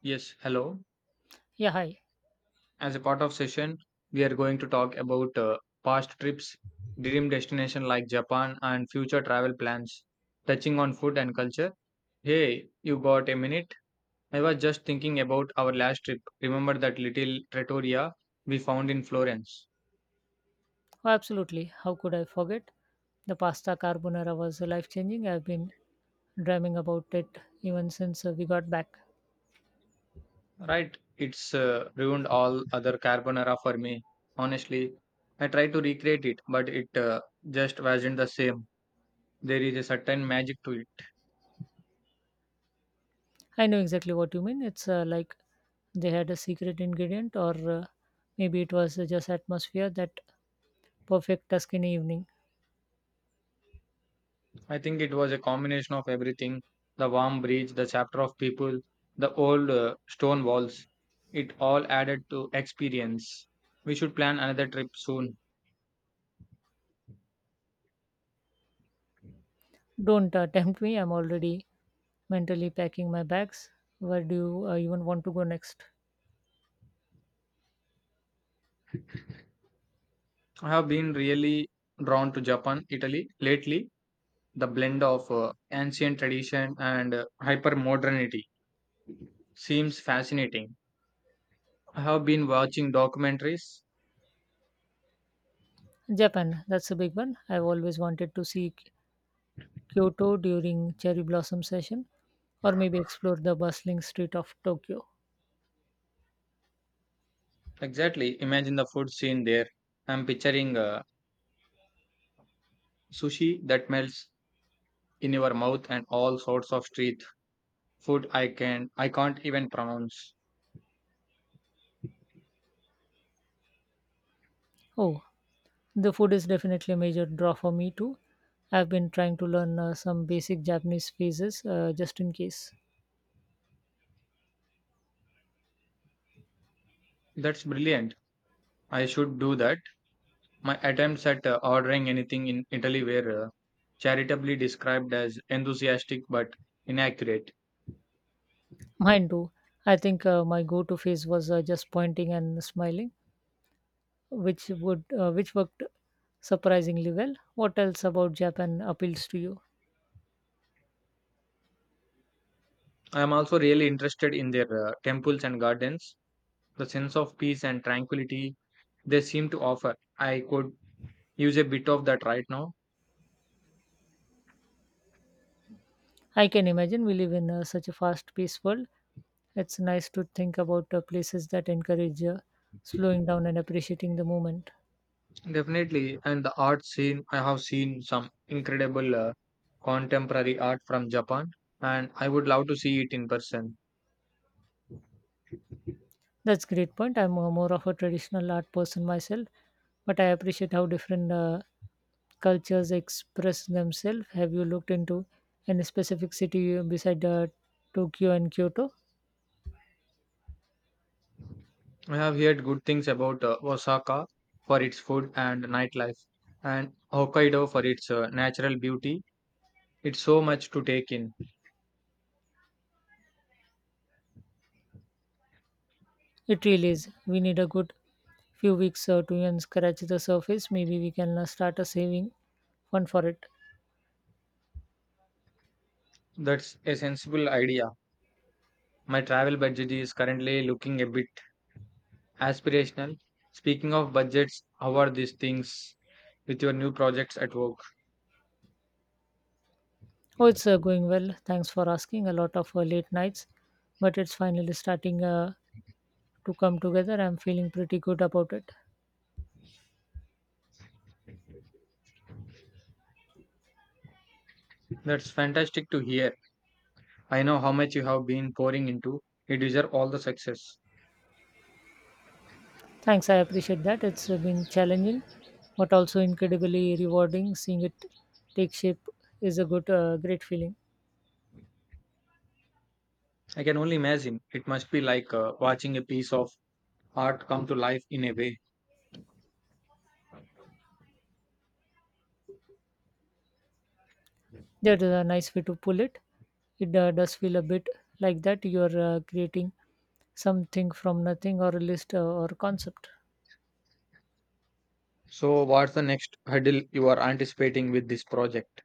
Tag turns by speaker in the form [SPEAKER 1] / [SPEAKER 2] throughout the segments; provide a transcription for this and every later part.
[SPEAKER 1] Yes, hello.
[SPEAKER 2] Yeah, hi.
[SPEAKER 1] As a part of session, we are going to talk about past trips, dream destination like Japan and future travel plans, touching on food and culture. Hey, you got a minute? I was just thinking about our last trip. Remember that little trattoria we found in Florence?
[SPEAKER 2] Oh, absolutely. How could I forget? The pasta carbonara was life changing. I've been dreaming about it even since we got back.
[SPEAKER 1] Right, it's ruined all other carbonara for me. Honestly, I tried to recreate it, but it just wasn't the same. There is a certain magic to it.
[SPEAKER 2] I know exactly what you mean. It's like they had a secret ingredient, or maybe it was just atmosphere, that perfect Tuscany evening.
[SPEAKER 1] I think it was a combination of everything, the warm breeze, the chapter of people, the old stone walls. It all added to experience. We should plan another trip soon.
[SPEAKER 2] Don't tempt me. I'm already mentally packing my bags. Where do you even want to go next?
[SPEAKER 1] I have been really drawn to Japan, Italy lately. The blend of ancient tradition and hyper modernity seems fascinating. I have been watching documentaries.
[SPEAKER 2] Japan. That's a big one. I've always wanted to see Kyoto during cherry blossom session, or maybe explore the bustling street of Tokyo.
[SPEAKER 1] Exactly, imagine the food scene there. I'm picturing sushi that melts in your mouth and all sorts of street food I can't even pronounce.
[SPEAKER 2] Oh, the food is definitely a major draw for me too. I've been trying to learn some basic Japanese phrases just in case.
[SPEAKER 1] That's brilliant. I should do that. My attempts at ordering anything in Italy were charitably described as enthusiastic but inaccurate.
[SPEAKER 2] Mine too. I think my go-to phase was just pointing and smiling, which would which worked surprisingly well. What else about Japan appeals to you?
[SPEAKER 1] I am also really interested in their temples and gardens. The sense of peace and tranquility they seem to offer. I could use a bit of that right now.
[SPEAKER 2] I can imagine we live in such a fast paced world. It's nice to think about places that encourage slowing down and appreciating the moment.
[SPEAKER 1] Definitely. And the art scene, I have seen some incredible contemporary art from Japan, and I would love to see it in person.
[SPEAKER 2] That's great point. I'm more of a traditional art person myself, but I appreciate how different cultures express themselves. Have you looked into any specific city beside Tokyo and Kyoto?
[SPEAKER 1] I have heard good things about Osaka for its food and nightlife, and Hokkaido for its natural beauty. It's so much to take in.
[SPEAKER 2] It really is. We need a good few weeks to even scratch the surface. Maybe we can start a saving fund for it.
[SPEAKER 1] That's a sensible idea. My travel budget is currently looking a bit aspirational. Speaking of budgets, how are these things with your new projects at work?
[SPEAKER 2] Oh, it's going well. Thanks for asking. A lot of late nights, but it's finally starting to come together. I'm feeling pretty good about it.
[SPEAKER 1] That's fantastic to hear. I know how much you have been pouring into. You deserve all the success.
[SPEAKER 2] Thanks, I appreciate that. It's been challenging, but also incredibly rewarding. Seeing it take shape is a great feeling.
[SPEAKER 1] I can only imagine. It must be like watching a piece of art come to life in a way.
[SPEAKER 2] That is a nice way to pull it. It does feel a bit like that. You're creating something from nothing, or a list or concept.
[SPEAKER 1] So, what's the next hurdle you are anticipating with this project?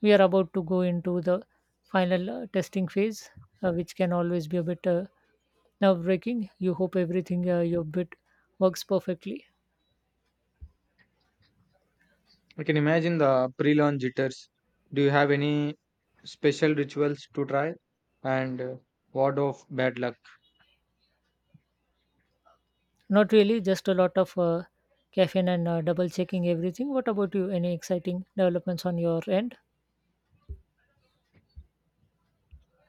[SPEAKER 2] We are about to go into the final testing phase, which can always be a bit nerve breaking. You hope everything your bit works perfectly.
[SPEAKER 1] I can imagine the pre launch jitters. Do you have any special rituals to try? And what of bad luck?
[SPEAKER 2] Not really, just a lot of caffeine and double checking everything. What about you? Any exciting developments on your end?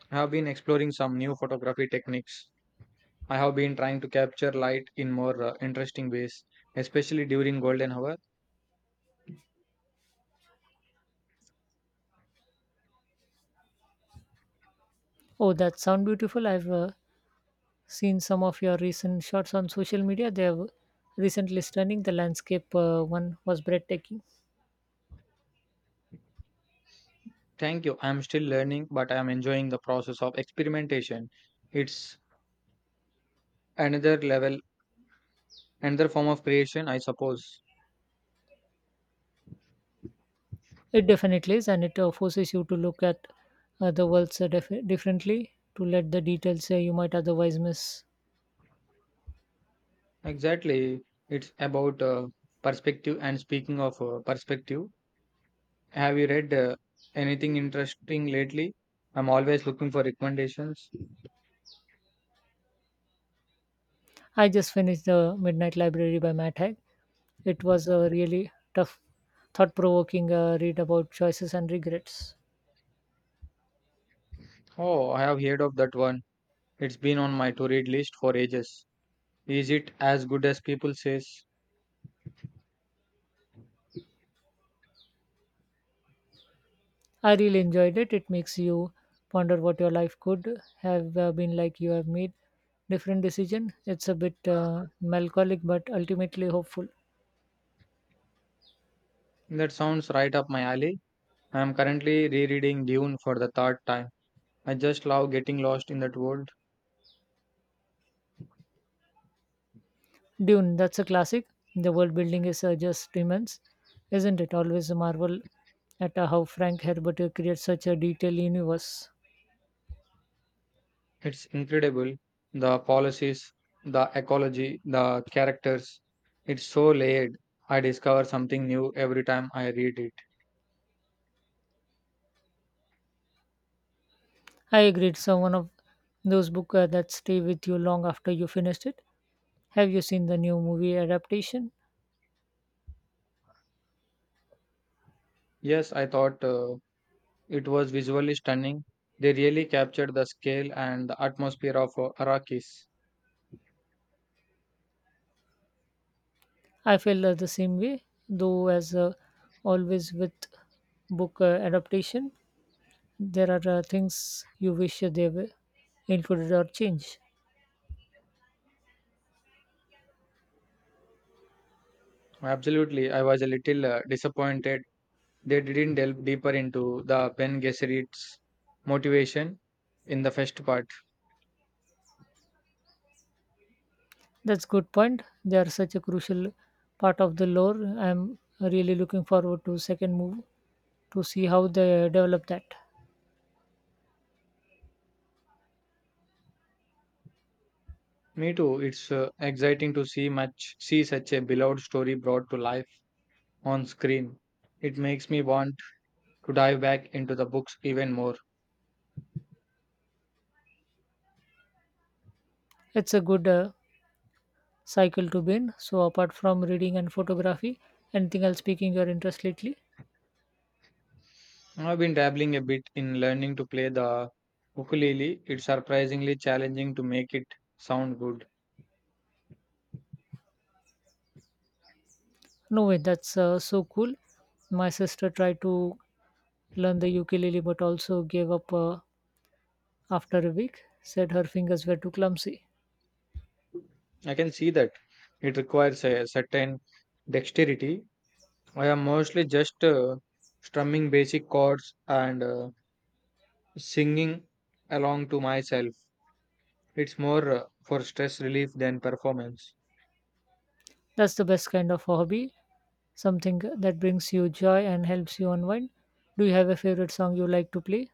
[SPEAKER 1] I have been exploring some new photography techniques. I have been trying to capture light in more interesting ways, especially during golden hour.
[SPEAKER 2] Oh, that sound beautiful. I've seen some of your recent shots on social media. They have recently stunning. The landscape one was breathtaking.
[SPEAKER 1] Thank you. I am still learning, but I am enjoying the process of experimentation. It's another level, another form of creation, I suppose.
[SPEAKER 2] It definitely is, and it forces you to look at the worlds differently, to let the details you might otherwise miss.
[SPEAKER 1] Exactly. It's about perspective. And speaking of perspective, have you read anything interesting lately? I'm always looking for recommendations.
[SPEAKER 2] I just finished The Midnight Library by Matt Haig. It was a really tough, thought provoking read about choices and regrets.
[SPEAKER 1] Oh, I have heard of that one. It's been on my to read list for ages. Is it as good as people says?
[SPEAKER 2] I really enjoyed it. It makes you ponder what your life could have been like you have made different decision. It's a bit melancholic but ultimately hopeful.
[SPEAKER 1] That sounds right up my alley. I'm currently rereading Dune for the third time. I just love getting lost in that world.
[SPEAKER 2] Dune, that's a classic. The world building is just immense, isn't it? Always a marvel at how Frank Herbert creates such a detailed universe.
[SPEAKER 1] It's incredible, the policies, the ecology, the characters. It's so layered. I discover something new every time I read it.
[SPEAKER 2] I agree. It's one of those books that stay with you long after you finished it. Have you seen the new movie adaptation?
[SPEAKER 1] Yes, I thought it was visually stunning. They really captured the scale and the atmosphere of Arrakis.
[SPEAKER 2] I feel the same way, though, as always with book adaptation, there are things you wish they were included or changed.
[SPEAKER 1] Absolutely, I was a little disappointed they didn't delve deeper into the Ben Gesserit's motivation in the first part.
[SPEAKER 2] That's good point. They are such a crucial part of the lore. I'm really looking forward to second move to see how they develop that.
[SPEAKER 1] Me too. It's exciting to see much see such a beloved story brought to life on screen. It makes me want to dive back into the books even more.
[SPEAKER 2] It's a good cycle to be in. So apart from reading and photography, anything else piquing your interest lately?
[SPEAKER 1] I've been dabbling a bit in learning to play the ukulele. It's surprisingly challenging to make it sound good.
[SPEAKER 2] No way. That's so cool. My sister tried to learn the ukulele but also gave up after a week. Said her fingers were too clumsy.
[SPEAKER 1] I can see that it requires a certain dexterity. I am mostly just strumming basic chords and singing along to myself. It's more for stress relief than performance.
[SPEAKER 2] That's the best kind of hobby, something that brings you joy and helps you unwind. Do you have a favorite song you like to play?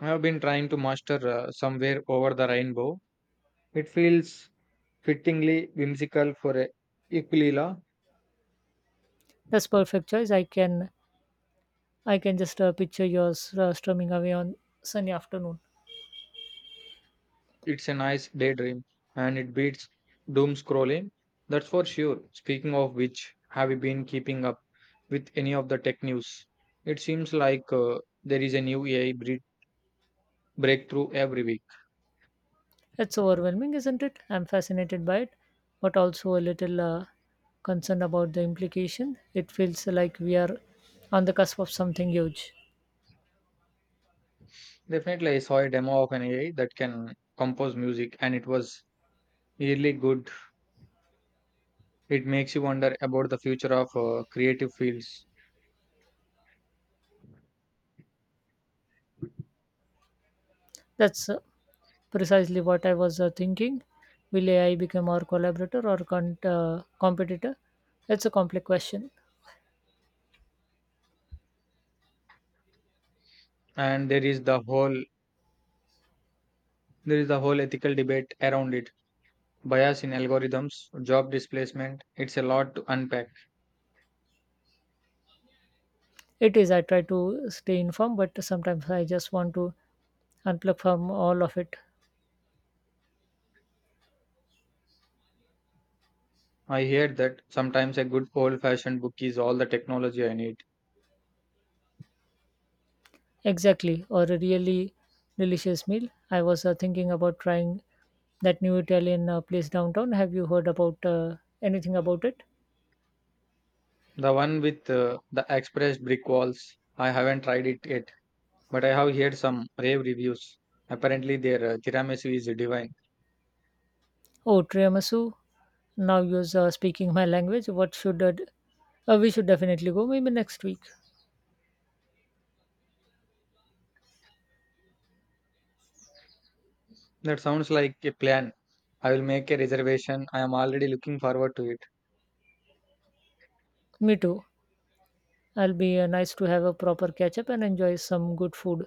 [SPEAKER 1] I have been trying to master somewhere over the rainbow. It feels fittingly whimsical for a Aquila.
[SPEAKER 2] That's perfect choice. I can just picture yours strumming away on sunny afternoon.
[SPEAKER 1] It's a nice daydream, and it beats doom scrolling. That's for sure. Speaking of which, have you been keeping up with any of the tech news? It seems like there is a new AI breakthrough every week.
[SPEAKER 2] It's overwhelming, isn't it? I'm fascinated by it, but also a little concerned about the implication. It feels like we are on the cusp of something huge.
[SPEAKER 1] Definitely, I saw a demo of an AI that can compose music, and it was really good. It makes you wonder about the future of creative fields,
[SPEAKER 2] That's precisely what I was thinking. Will AI become our collaborator or competitor? It's a complex question.
[SPEAKER 1] and there is the whole ethical debate around it, bias in algorithms, job displacement. It's a lot to unpack.
[SPEAKER 2] It is. I try to stay informed, but sometimes I just want to unplug from all of it.
[SPEAKER 1] I hear that sometimes a good old fashioned book is all the technology I need.
[SPEAKER 2] Exactly. Or a really delicious meal. I was thinking about trying that new Italian place downtown. Have you heard about anything about it?
[SPEAKER 1] The one with the expressed brick walls. I haven't tried it yet, but I have heard some rave reviews. Apparently, their tiramisu is divine.
[SPEAKER 2] Oh, tiramisu. Now you're speaking my language. We should definitely go, maybe next week.
[SPEAKER 1] That sounds like a plan. I will make a reservation. I am already looking forward to it.
[SPEAKER 2] Me too. I'll be nice to have a proper catch up and enjoy some good food.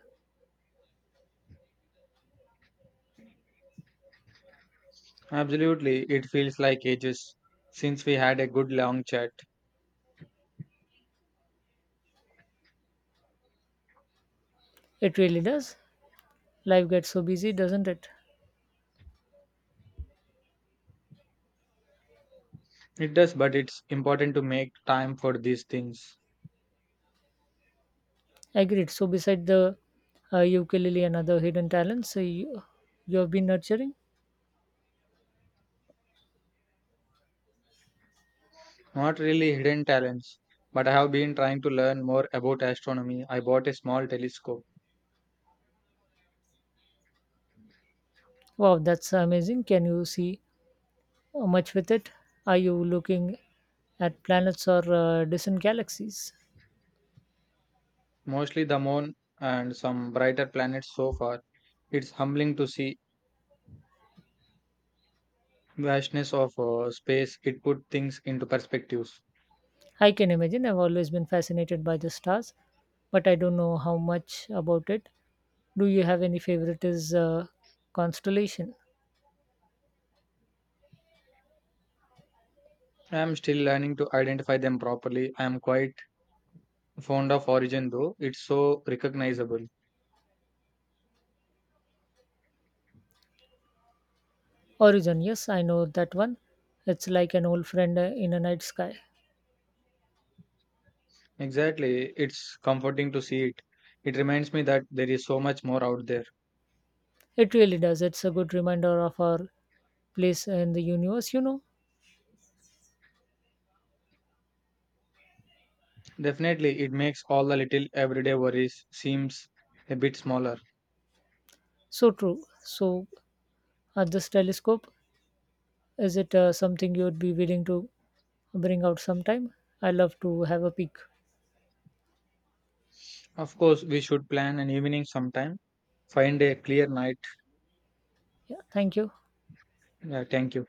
[SPEAKER 1] Absolutely, it feels like ages since we had a good long chat.
[SPEAKER 2] It really does. Life gets so busy, doesn't it?
[SPEAKER 1] It does, but it's important to make time for these things.
[SPEAKER 2] Agreed. So, beside the ukulele and other hidden talents you have been nurturing,
[SPEAKER 1] Not really hidden talents, but I have been trying to learn more about astronomy. I bought a small telescope,
[SPEAKER 2] wow, that's amazing. Can you see much with it? Are you looking at planets or distant galaxies?
[SPEAKER 1] mostly the moon and some brighter planets so far. It's humbling to see vastness of space. It put things into perspectives.
[SPEAKER 2] I can imagine. I've always been fascinated by the stars, but I don't know how much about it. Do you have any favorite is constellation?
[SPEAKER 1] I am still learning to identify them properly. I am quite fond of origin though. It's so recognizable.
[SPEAKER 2] Origin, yes, I know that one. It's like an old friend in a night sky.
[SPEAKER 1] Exactly. It's comforting to see it. It reminds me that there is so much more out there.
[SPEAKER 2] It really does. It's a good reminder of our place in the universe, you know.
[SPEAKER 1] Definitely, it makes all the little everyday worries seems a bit smaller.
[SPEAKER 2] So true. So, at this telescope, is it something you would be willing to bring out sometime? I love to have a peek.
[SPEAKER 1] Of course, we should plan an evening sometime. Find a clear night.
[SPEAKER 2] Yeah, thank you.
[SPEAKER 1] Yeah, thank you.